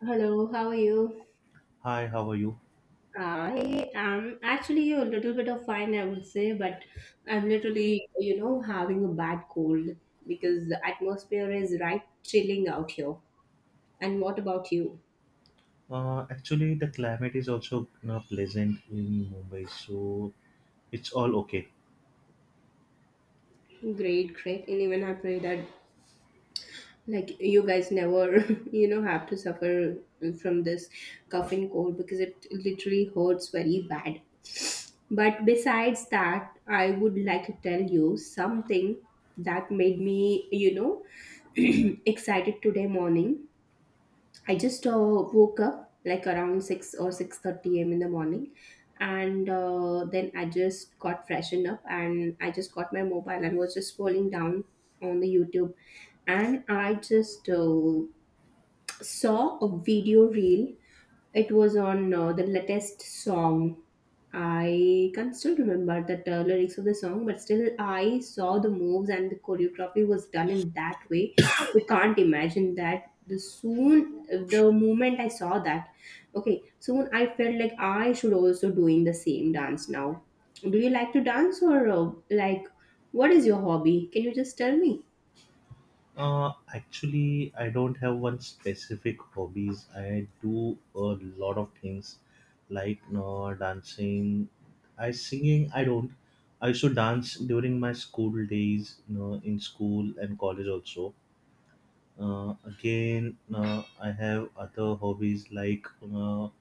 Hello, how are you? Hi, how are you? I am actually a little bit of fine, I would say, but I'm literally, you know, having a bad cold because the atmosphere is right chilling out here. And what about you? Actually, the climate is also you pleasant in Mumbai, so it's all okay. Great, great. And even I pray that like you guys never you know have to suffer from this cough and cold because it literally hurts very bad, but besides that, I would like to tell you something that made me, you know, excited today morning. I just woke up like around 6 or 6:30 a.m. in the morning, and then I just got freshened up, and I just got my mobile and was just scrolling down on the YouTube. And I just saw a video reel. It was on the latest song. I can still remember the lyrics of the song, but still, I saw the moves and the choreography was done in that way. We can't imagine that. The soon, the moment I saw that, okay, soon I felt like I should also doing the same dance now. Do you like to dance, or like what is your hobby? Can you just tell me? Actually, I don't have one specific hobbies. I do a lot of things like you dancing. I singing. I don't. I used to dance during my school days, you know, in school and college also. Again, I have other hobbies like you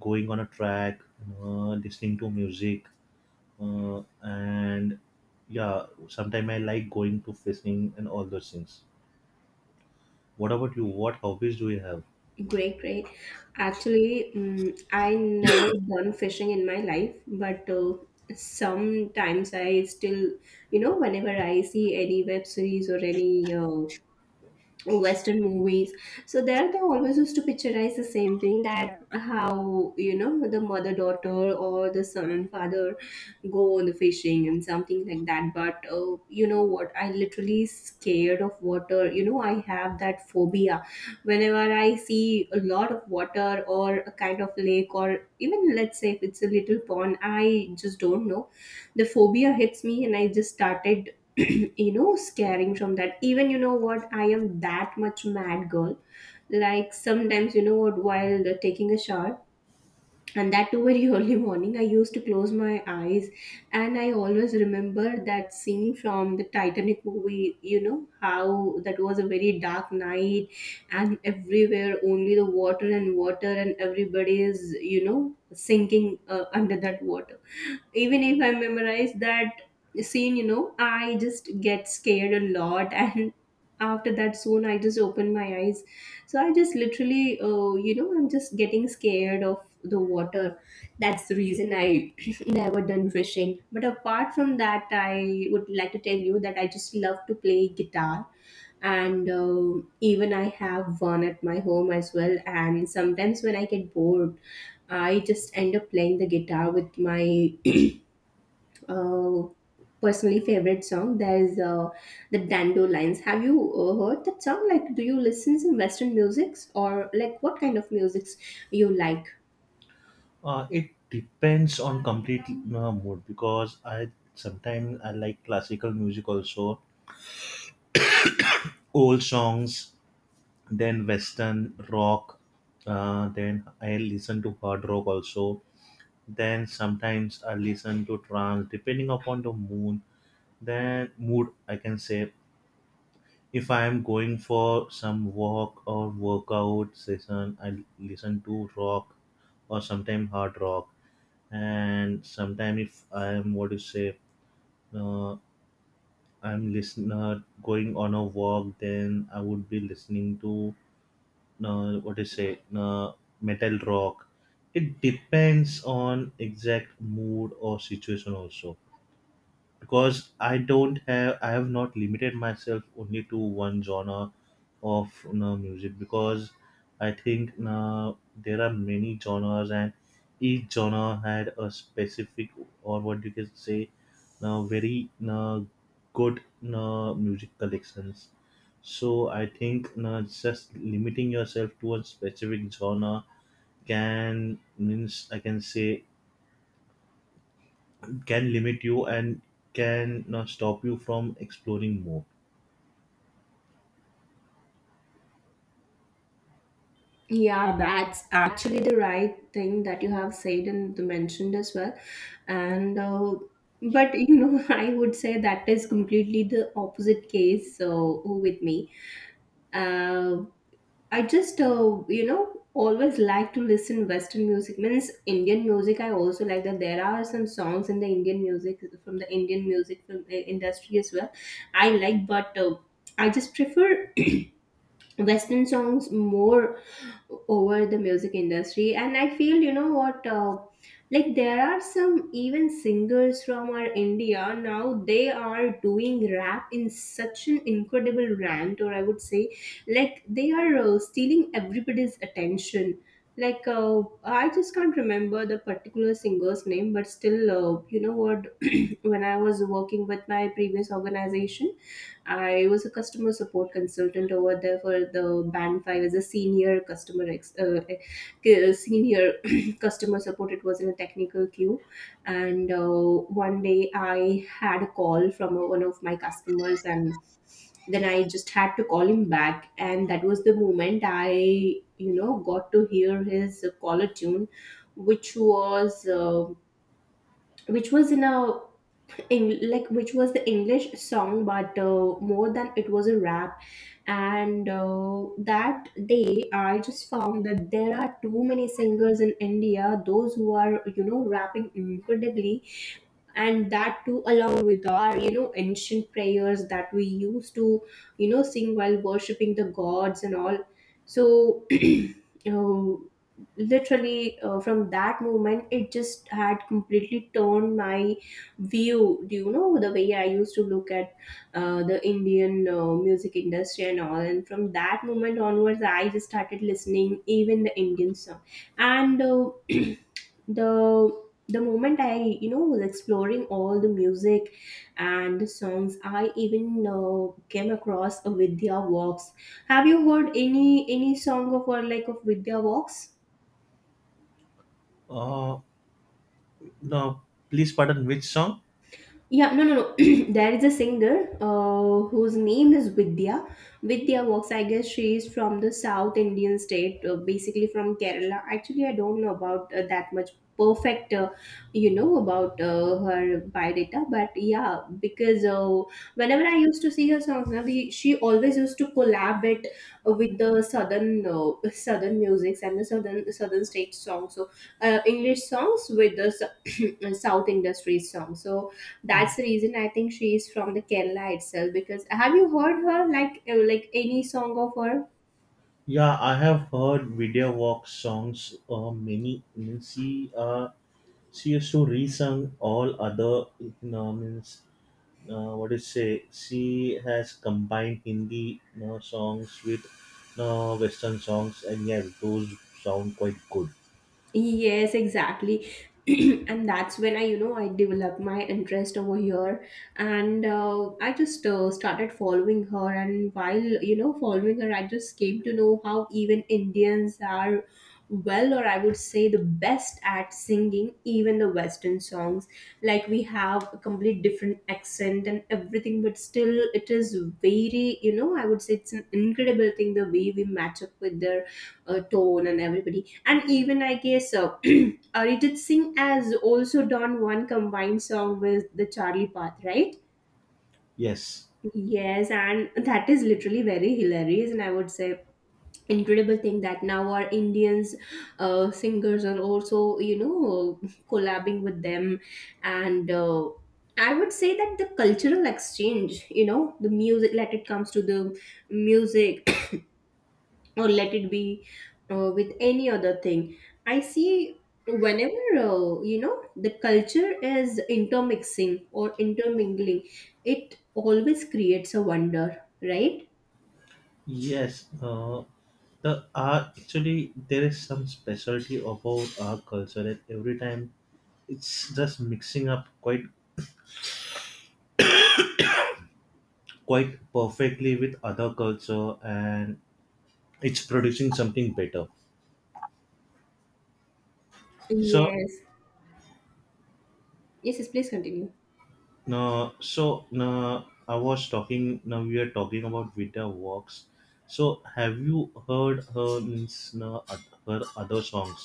going on a track, you listening to music, and yeah, sometimes I like going to fishing and all those things. What about you? What hobbies do you have? Great, great. Actually, I never done fishing in my life, but sometimes I still, you know, whenever I see any web series or any western movies, so there they always used to picturize the same thing, that how, you know, the mother daughter or the son and father go on the fishing and something like that. But you know what, I literally scared of water. You know, I have that phobia. Whenever I see a lot of water or a kind of lake, or even let's say if it's a little pond, I just don't know, the phobia hits me and I just started you know, scaring from that. Even you know what, I am that much mad girl, like sometimes you know what, while taking a shower, and that too very early morning, I used to close my eyes, and I always remember that scene from the Titanic movie, you know, how that was a very dark night and everywhere only the water and water, and everybody is, you know, sinking under that water. Even if I memorize that scene, you know, I just get scared a lot and after that, soon I just open my eyes. So I just literally you know, I'm just getting scared of the water. That's the reason I never done fishing. But apart from that, I would like to tell you that I just love to play guitar. And even I have one at my home as well, and sometimes when I get bored, I just end up playing the guitar with my uh, personally favorite song. There is the Dandelions. Have you heard that song? Like, do you listen some Western musics, or like what kind of musics you like? It depends on complete mood, because I sometimes I like classical music also, old songs, then western rock. Then I listen to hard rock also. Then sometimes I listen to trance, depending upon the mood. Then mood, I can say. If I'm going for some walk or workout session, I listen to rock, or sometimes hard rock. And sometimes if I'm, what do you say, uh, I'm listener going on a walk, then I would be listening to, what do you say, metal rock. It depends on exact mood or situation also. Because I don't have, I have not limited myself only to one genre of, you know, music, because I think, you know, there are many genres, and each genre had a specific, or what you can say, now very, you know, good, you know, music collections. So I think, you know, just limiting yourself to a specific genre can means, I can say, can limit you and can, you know, stop you from exploring more. Yeah, that's actually the right thing that you have said and mentioned as well. And but you know, I would say that is completely the opposite case. So with me, Uh, I just, you know, always like to listen Western music. Means Indian music, I also like that. There are some songs in the Indian music from the Indian music film industry as well I like, but I just prefer Western songs more over the music industry. And I feel, you know what, like there are some even singers from our India, now they are doing rap in such an incredible rant, or I would say like they are stealing everybody's attention. Like I just can't remember the particular singer's name, but still, you know what, when I was working with my previous organization, I was a customer support consultant over there for the Band 5 as a senior customer senior customer support. It was in a technical queue, and one day I had a call from one of my customers, and then I just had to call him back, and that was the moment I, you know, got to hear his caller tune, which was in a like which was the English song, but more than it was a rap. And that day, I just found that there are too many singers in India, those who are, you know, rapping incredibly, and that too along with our, you know, ancient prayers that we used to, you know, sing while worshipping the gods and all. So um, literally from that moment, it just had completely turned my view. Do you know the way I used to look at the Indian music industry and all? And from that moment onwards, I just started listening even the Indian song. And the the moment I, you know, was exploring all the music and the songs, I even came across a Vidya Walks. Have you heard any song of, or like of Vidya Walks? Uh, no, please pardon, which song? Yeah, no, no, no. There is a singer whose name is Vidya. Vidya Works, I guess she is from the South Indian state, basically from Kerala. Actually, I don't know about that much perfect, you know, about her biodata. But yeah, because whenever I used to see her songs, now she always used to collab it with the southern southern musics and the southern state songs. So English songs with the South industry songs. So that's the reason I think she is from the Kerala itself. Because have you heard her like any song of her? Yeah, I have heard Video Walk songs. Many means, she used to resung all other, you know, means what do you say, she has combined Hindi, you know, songs with, you know, Western songs, and yeah, those sound quite good. Yes, exactly. And that's when I, you know, I developed my interest over here. And I just started following her. And while, you know, following her, I just came to know how even Indians are well, or I would say the best at singing even the Western songs. Like we have a complete different accent and everything, but still it is very, you know, I would say it's an incredible thing the way we match up with their tone and everybody. And even I guess Arijit Singh has also done one combined song with the Charlie Path, right? Yes, Yes, and that is literally very hilarious, and I would say incredible thing that now our Indians singers are also, you know, collabing with them. And I would say that the cultural exchange, you know, the music, let it comes to the music or let it be with any other thing. I see, whenever you know, the culture is intermixing or intermingling, it always creates a wonder, right? yes. The actually, there is some specialty about our culture that every time it's just mixing up quite perfectly with other culture, and it's producing something better. So Yes, yes, yes, please continue. no, so no, I was talking, now we are talking about video works, so have you heard her means, no, her other songs?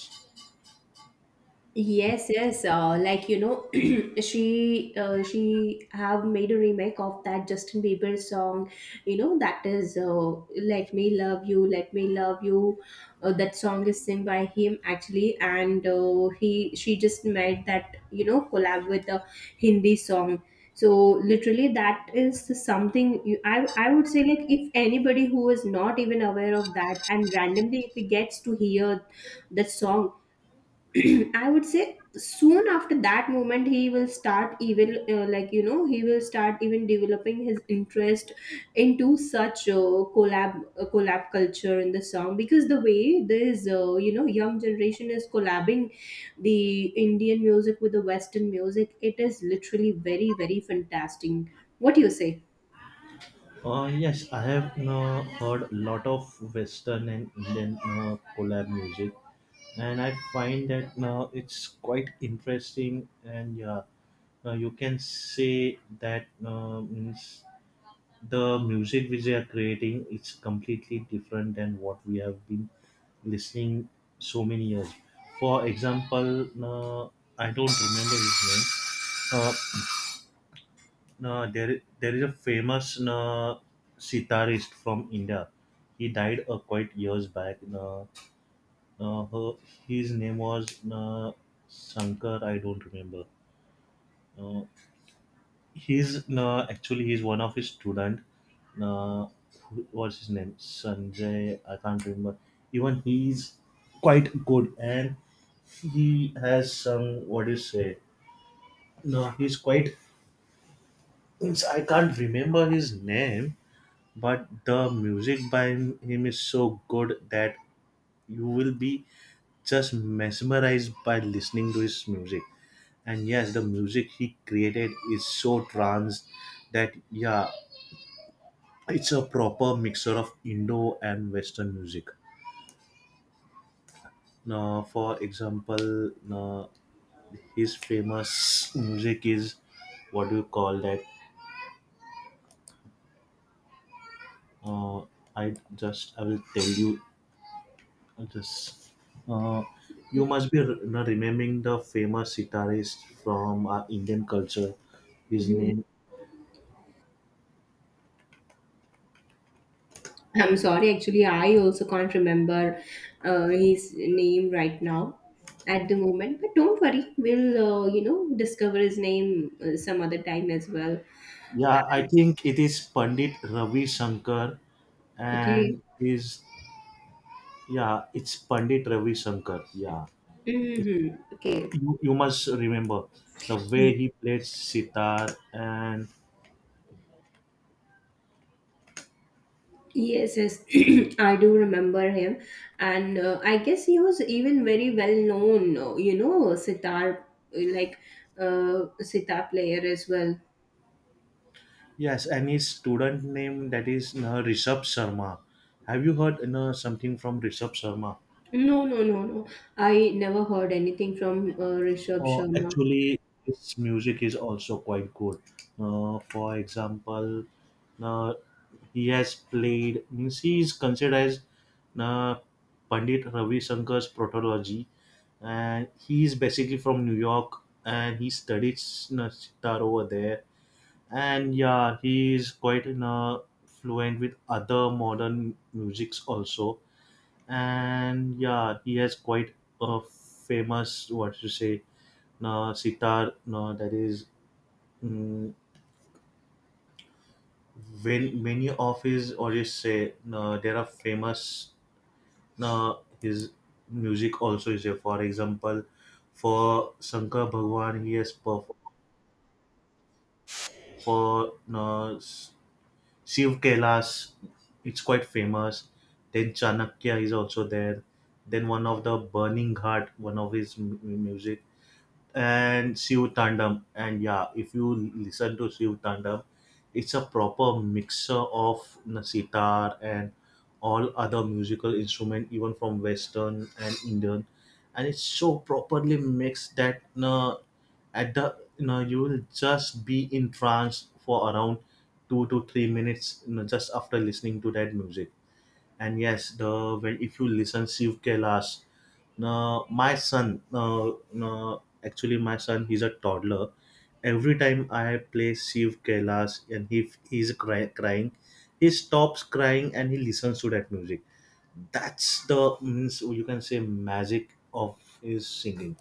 Yes, yes. Like you know, she have made a remake of that Justin Bieber song. You know that is "Let Me Love You, Let Me Love You." That song is sung by him actually, and he she just made that, you know, collab with a Hindi song. So literally, that is something you, I would say, like if anybody who is not even aware of that and randomly if he gets to hear that song, I would say soon after that moment he will start even like you know, he will start even developing his interest into such collab culture in the song, because the way this you know, young generation is collabing the Indian music with the Western music, it is literally very very fantastic. What do you say? Yes, I have, no, heard a lot of western and indian, no, collab music, and I find that now it's quite interesting. And yeah, you can say that, means the music which they are creating is completely different than what we have been listening so many years. For example, I don't remember his name. There, there is a famous sitarist from India. He died quite years back. Her, his name was Shankar. I don't remember. Uh, he's actually, he's one of his student, uh, who- what's his name, sanjay, I can't remember. Even he's quite good, and he has some, what do you say, no, he's quite means, I can't remember his name. But the music by him is so good that you will be just mesmerized by listening to his music. And yes, the music he created is so trance that yeah, it's a proper mixture of Indo and Western music. Now, for example, now his famous music is, what do you call that? Uh, I just, I will tell you just, uh, you must be now remembering the famous sitarist from Indian culture. His Yeah. name, I'm sorry, actually, I also can't remember his name right now at the moment. But don't worry, we'll, you know, discover his name some other time as well. yeah, I think it is Pandit Ravi Shankar, Okay. and his, yeah, it's Pandit Ravi Shankar. Yeah, Hmm. Okay. you must remember the way he played sitar. And Yes, yes, I do remember him, and I guess he was even very well known, you know, sitar like sitar player as well. yes, and his student name, that is Rishabh Sharma. Have you heard something from Rishabh Sharma? No, no, no, no. I never heard anything from Rishabh Oh, Sharma. actually, his music is also quite good. For example, uh, he has played means, he is considered as uh, Pandit Ravi Shankar's protology, and he is basically from New York, and he studied sitar over there. And yeah, he is quite in a fluent with other modern musics also. And yeah, he has quite a famous, what to say, no sitar, no, that is mm, when many of his, or you say, no, there are famous, no, his music also is there. For example, for shankar bhagwan, he has performed for, no, Shiv Kailas, it's quite famous. Then Chanakya is also there. Then one of the Burning Heart, one of his music, and Shiv Tandam. And yeah, if you listen to Shiv Tandam, it's a proper mixer of sitar and all other musical instrument, even from Western and Indian, and it's so properly mixed that na, at the, you know, you will just be in trance for around 2 to 3 minutes, you know, just after listening to that music. And yes, the when if you listen Shiv Kailas, no, my son, no, no, actually, my son, he's a toddler. Every time I play Shiv Kailas and he he's crying, he stops crying and he listens to that music. That's the means, you can say, magic of his singing.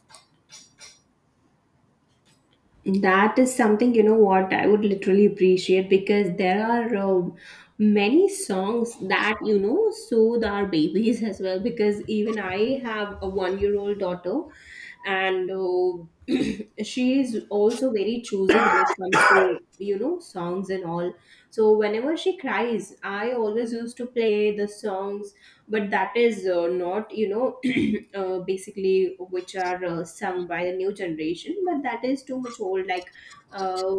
That is something, you know what, I would literally appreciate, because there are many songs that, you know, soothe our babies as well. Because even I have a 1 year old daughter and she is also very choosy when it comes to, you know, songs and all. So whenever she cries, I always used to play the songs, but that is not you know basically which are sung by the new generation, but that is too much old, uh,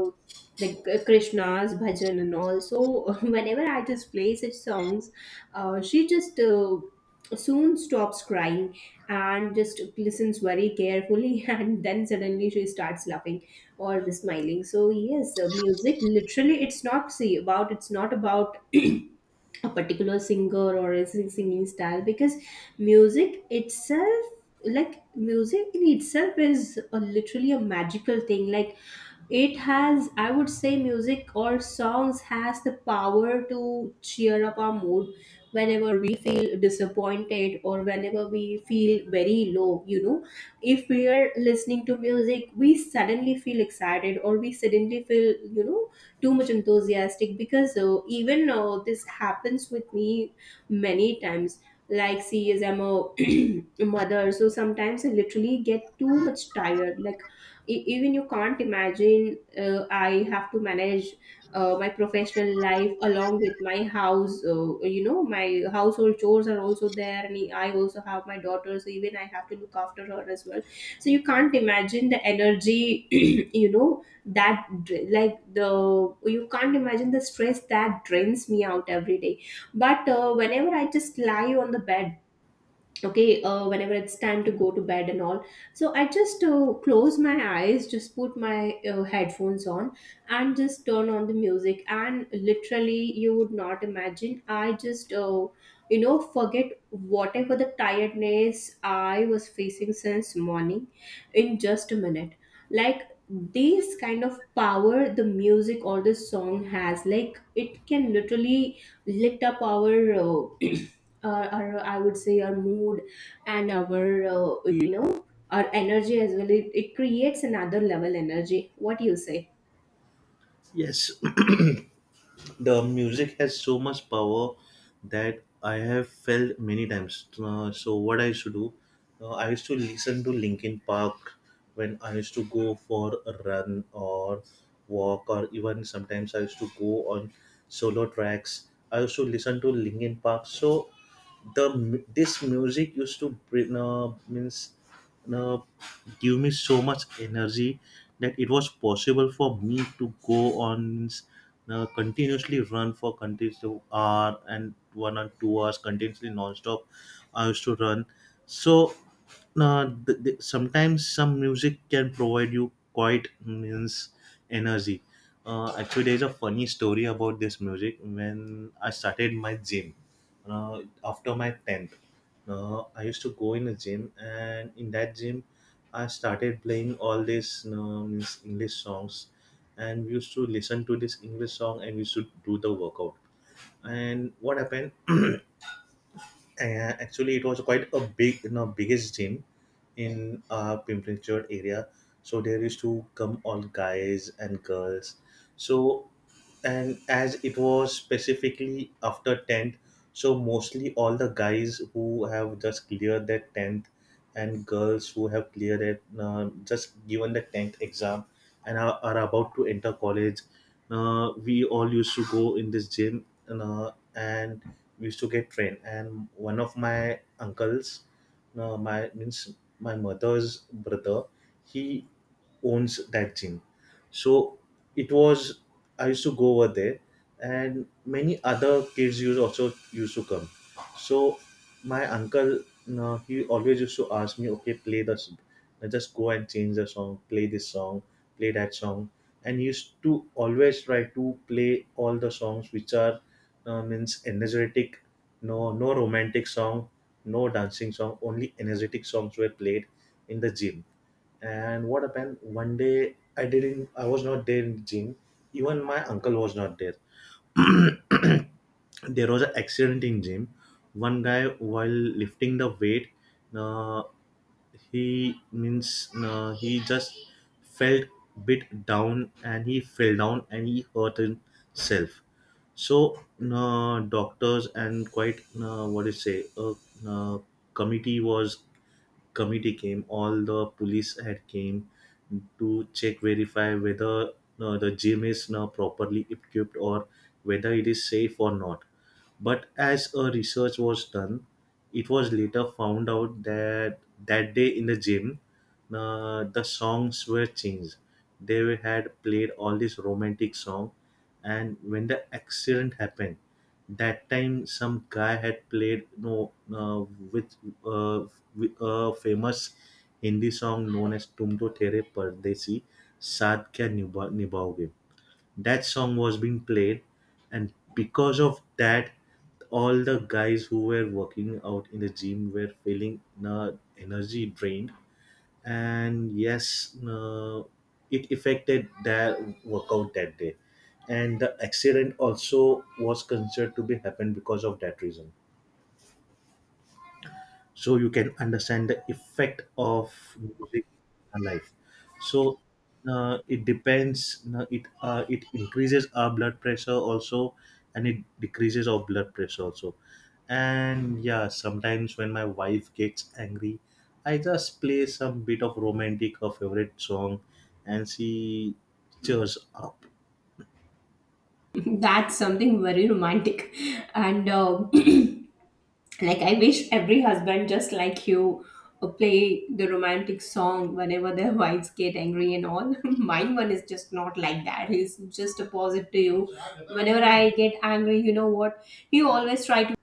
like krishna's bhajan and all. So whenever I just play such songs, she just soon stops crying and just listens very carefully, and then suddenly she starts laughing or the smiling. So yes, music literally, it's not, see, about it's not about a particular singer or a singing style, because music itself, like music in itself is a, literally a magical thing. Like it has, I would say, music or songs has the power to cheer up our mood whenever we feel disappointed, or whenever we feel very low, you know, if we are listening to music, we suddenly feel excited, or we suddenly feel, you know, too much enthusiastic, because even this happens with me many times. Like see, as I'm a mother, so sometimes I literally get too much tired. Like even you can't imagine, I have to manage my professional life along with my house, you know, my household chores are also there, and I also have my daughter, so even I have to look after her as well. So you can't imagine the energy. You know that dr- like the you can't imagine the stress that drains me out every day. But whenever I just lie on the bed, okay, whenever it's time to go to bed and all, so I just close my eyes, just put my headphones on and just turn on the music, and literally you would not imagine, I just you know, forget whatever the tiredness I was facing since morning in just a minute. Like this kind of power the music or the song has. Like it can literally lift up our uh, our, I would say, our mood and our uh, you know our energy as well. It creates another level energy. What do you say? Yes, the music has so much power that I have felt many times. So what I used to do, I used to listen to Linkin Park when I used to go for a run or walk, or even sometimes I used to go on solo tracks. I used to listen to Linkin Park. So this music used to bring means uh, give me so much energy that it was possible for me to go on means, continuously run for continuous hour and 1 or 2 hours continuously non-stop. I used to run. So sometimes some music can provide you quite means energy. Actually, there's a funny story about this music. When I started my gym after my 10th, I used to go in a gym, and in that gym I started playing all these means english songs, and we used to listen to this english song and we used to do the workout. And what happened, and actually, it was quite a big, you know, biggest gym in Pimprinchad area. So there used to come all guys and girls. So, and as it was specifically after 10th, so mostly all the guys who have just cleared their 10th, and girls who have cleared it, just given the 10th exam, and are about to enter college, we all used to go in this gym. And we used to get train, and one of my uncles, no my means, my mother's brother, he owns that gym. So it was, I used to go over there, and many other kids used also used to come. So my uncle, no, he always used to ask me, okay, play no, just go and change the song, play this song, play that song. And he used to always try to play all the songs which are means energetic, no, no romantic song, no dancing song, only energetic songs were played in the gym. And what happened, one day I was not there in the gym. Even my uncle was not there. There was an accident in gym. One guy, while lifting the weight, uh, he just felt bit down and he fell down and he hurt himself. So doctors and quite what do you say, a uh, committee was, committee came, all the police had came to check verify whether the gym is now properly equipped or whether it is safe or not. But as a research was done, it was later found out that that day in the gym, the songs were changed. They had played all this romantic song, and when the accident happened, that time, some guy had played, no, with uh, with a famous Hindi song known as "Tum To Tere Pardesi Saath Kya Nibhaoge." That song was being played, and because of that, all the guys who were working out in the gym were feeling uh, energy drained. And yes, it affected their workout that day, and the accident also was considered to be happened because of that reason. So you can understand the effect of music on life. So it depends, it increases our blood pressure also and it decreases our blood pressure also. And yeah, sometimes when my wife gets angry, I just play some bit of romantic or favorite song and she cheers up. That's something very romantic. And like, I wish every husband, just like you, play the romantic song whenever their wives get angry and all. Mine one is just not like that. He's just opposite to you. Whenever I get angry, you know what? He always try to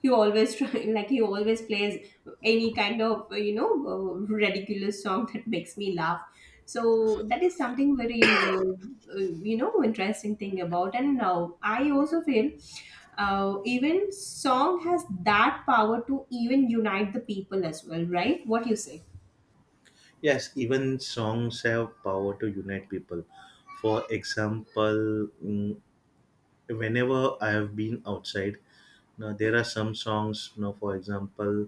he always try like he always plays any kind of ridiculous song that makes me laugh. So that is something very you know, interesting thing about. And now I also feel even song has that power to even unite the people as well, right? What you say? Yes, even songs have power to unite people. For example, whenever I have been outside, now there are some songs. Now, for example,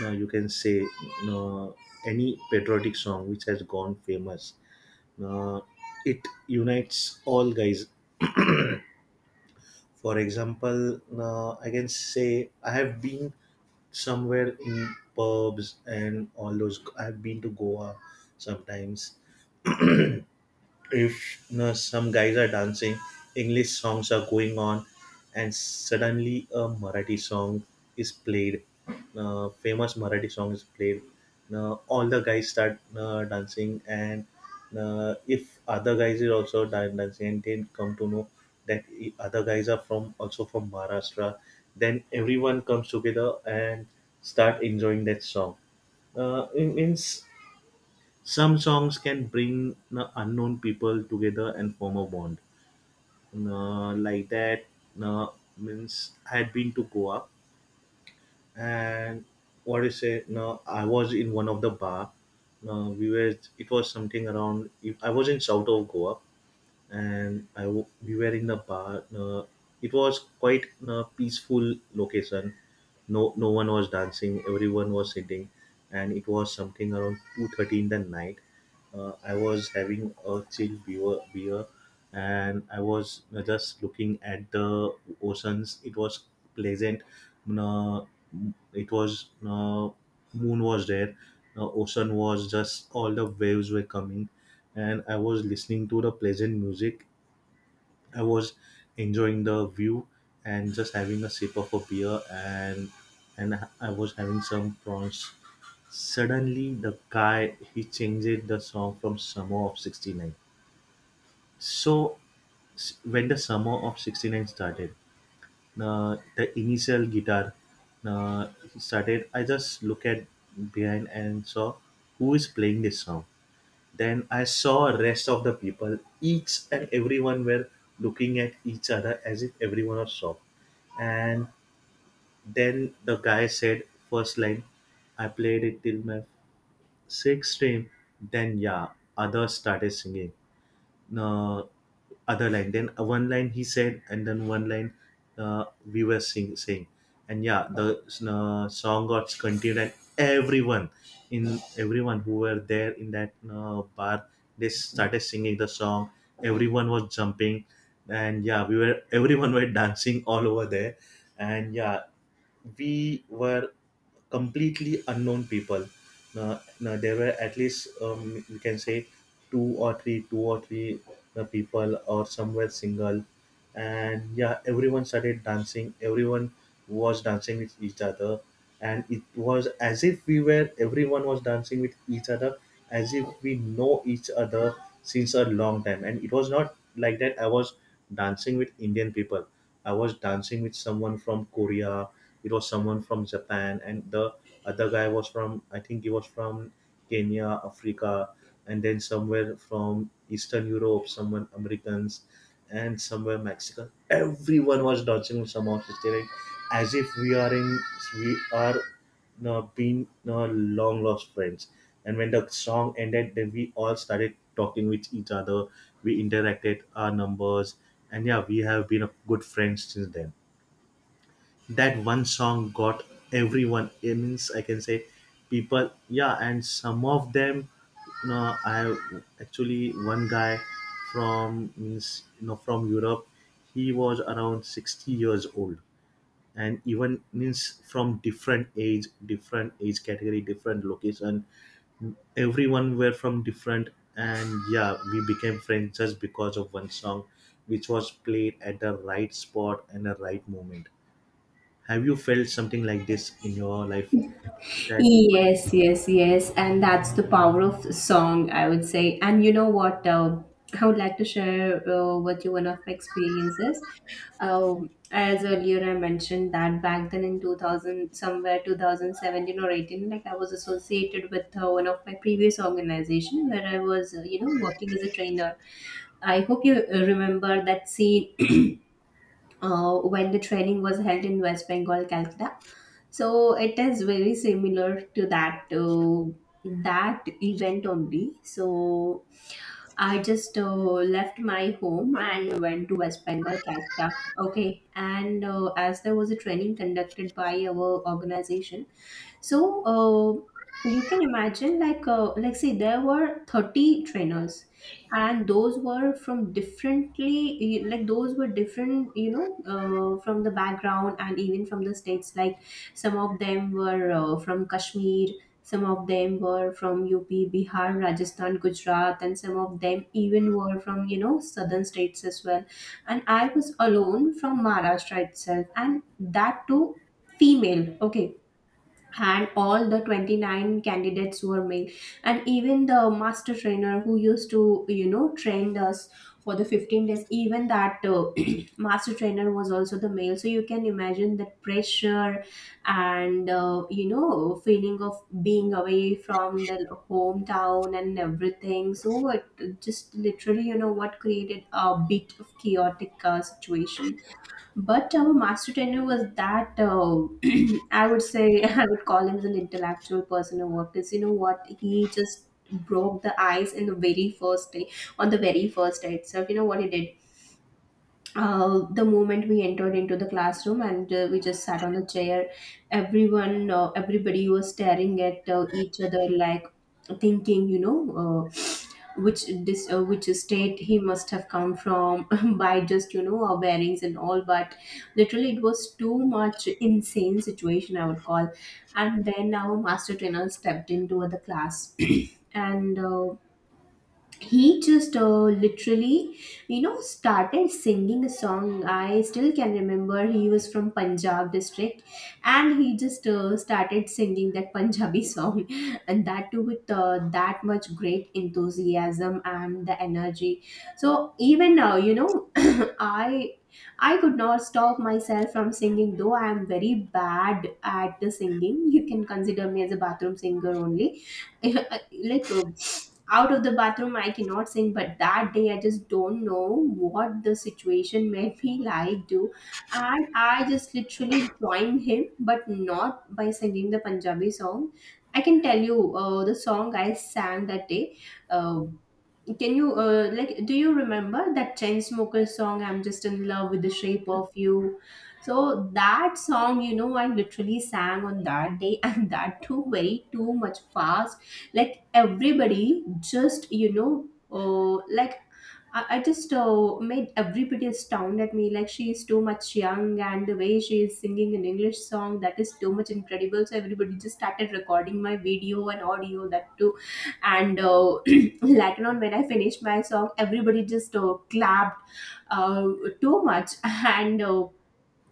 now you can say, now any patriotic song which has gone famous. Now, it unites all guys. For example, now I can say I have been somewhere in pubs and all those. I have been to Goa sometimes. If you know, some guys are dancing, English songs are going on, and suddenly a Marathi song is played, famous Marathi song is played. Now all the guys start dancing, and if other guys is also dancing, and then come to know that other guys are from also from Maharashtra, then everyone comes together and start enjoying that song. It means some songs can bring unknown people together and form a bond. Uh, like that, uh, means I had been to Goa and what do you say? No, I was in one of the bar. No, we were. It was something around. I was in south of Goa, and we were in the bar. It was quite a peaceful location. No, no one was dancing. Everyone was sitting, and it was something around 2:30 in the night. I was having a chill beer, and I was just looking at the oceans. It was pleasant. Uh, it was Moon was there. The ocean was just all the waves were coming, and I was listening to the pleasant music. I was enjoying the view and just having a sip of a beer, and I was having some prawns. Suddenly the guy, he changed the song from Summer of 69. So when the Summer of 69 started, the initial guitar uh, started, I just look at behind and saw who is playing this song. Then I saw rest of the people. Each and everyone were looking at each other as if everyone was shocked. And then the guy said, first line, I played it till my sixth stream. Then yeah, others started singing uh, other line, then one line he said, and then one line, uh, we were saying, and yeah, the song got continued, and everyone, in everyone who were there in that bar, they started singing the song. Everyone was jumping, and yeah, we were everyone were dancing all over there. And yeah, we were completely unknown people. No, there were at least we can say two or three people, or some were single, and yeah, everyone started dancing. Everyone was dancing with each other, and it was as if we were everyone was dancing with each other, as if we know each other since a long time. And it was not like that. I was dancing with Indian people. I was dancing with someone from Korea, it was someone from Japan, and the other guy was from, I think he was from Kenya, Africa, and then somewhere from Eastern Europe, someone Americans, and somewhere Mexican. Everyone was dancing somehow, staring as if we are in, we are now being, now long lost friends. And when the song ended, then we all started talking with each other. We interacted our numbers, and yeah, we have been a good friends since then. That one song got everyone, it means I can say people, yeah. And some of them, you know, I have actually one guy from, means from Europe, he was around 60 years old. And even means from different age, different age category, different location, everyone were from different. And yeah, we became friends just because of one song, which was played at the right spot and the right moment. Have you felt something like this in your life? That Yes, yes, yes. And that's the power of song, I would say. And you know what? I would like to share with you one of my experiences. As earlier I mentioned that back then in 2000, somewhere 2017 or 18, like I was associated with one of my previous organization where I was, you know, working as a trainer. I hope you remember that scene, when the training was held in West Bengal, Calcutta. So it is very similar to that that event only. So I just left my home and went to West Bengal, Calcutta. Okay, and as there was a training conducted by our organization, so uh, you can imagine, like say there were 30 trainers, and those were from differently, like those were different, you know, from the background and even from the states, like some of them were from kashmir, some of them were from up, bihar, rajasthan, gujarat, and some of them even were from, you know, southern states as well. And I was alone from maharashtra itself, and that too female, okay, and all the 29 candidates were male. And even the master trainer who used to, you know, train us for the 15 days, even that master trainer was also the male. So you can imagine that pressure and you know, feeling of being away from the hometown and everything. So it just literally, you know what, created a bit of chaotic situation. But our master trainer was that, I would say, I would call him as an intellectual person or what, because you know what, he just broke the ice in the very first day, on the very first day itself. You know what he did? The moment we entered into the classroom and we just sat on the chair, everyone everybody was staring at each other, like thinking, you know, which state he must have come from, by just, you know, our bearings and all. But literally it was too much insane situation, I would call. And then our master trainer stepped into the class, and he just literally, you know, started singing a song. I still can remember he was from punjab district, and he just started singing that punjabi song, and that too with that much great enthusiasm and the energy. So even now, you know, i I could not stop myself from singing, though I am very bad at the singing. You can consider me as a bathroom singer only. like uh, Out of the bathroom I cannot sing, but that day I just don't know what the situation made me like do. And I just literally joined him, but not by singing the punjabi song. I can tell you the song I sang that day, uh, can you like, do you remember that Chainsmoker song, I'm just in love with the shape of you? So that song, you know, I literally sang on that day, and that too very too much fast. Like everybody just, you know, like I just made everybody astound at me. Like she is too much young, and the way she is singing an English song, that is too much incredible. So everybody just started recording my video and audio, that too. And later on, when I finished my song, everybody just clapped uh, too much. and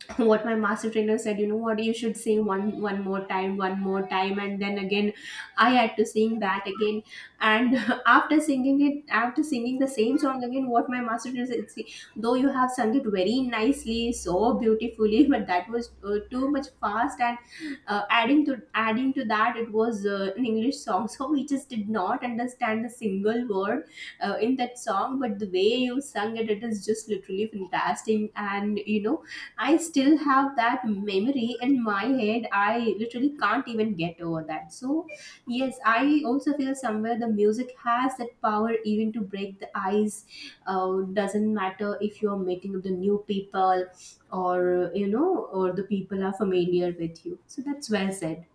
what my master trainer said, you know what, you should sing one more time, one more time, and then again I had to sing that again. And after singing the same song again, what my master trainer said, see, though you have sung it very nicely, so beautifully, but that was too much fast, and adding to that, it was an english song, so we just did not understand a single word in that song. But the way you sung it, it is just literally fantastic. And you know, I still have that memory in my head. I literally can't even get over that. So yes, I also feel somewhere the music has that power even to break the ice. Doesn't matter if you're meeting the new people or, you know, or the people are familiar with you. So, that's well said.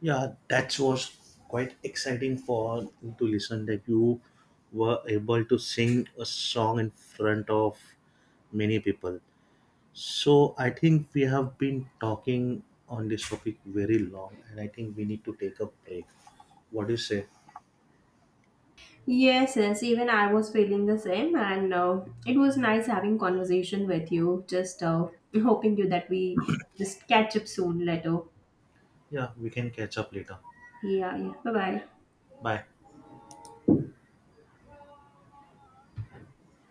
yeah, that was quite exciting for to listen that you were able to sing a song in front of many people. So I think we have been talking on this topic very long, and I think we need to take a break. What do you say? Yes, yes, even I was feeling the same, and it was nice having conversation with you. Just hoping you that we just catch up soon later. Yeah, we can catch up later. Yeah, yeah. Bye bye. Bye.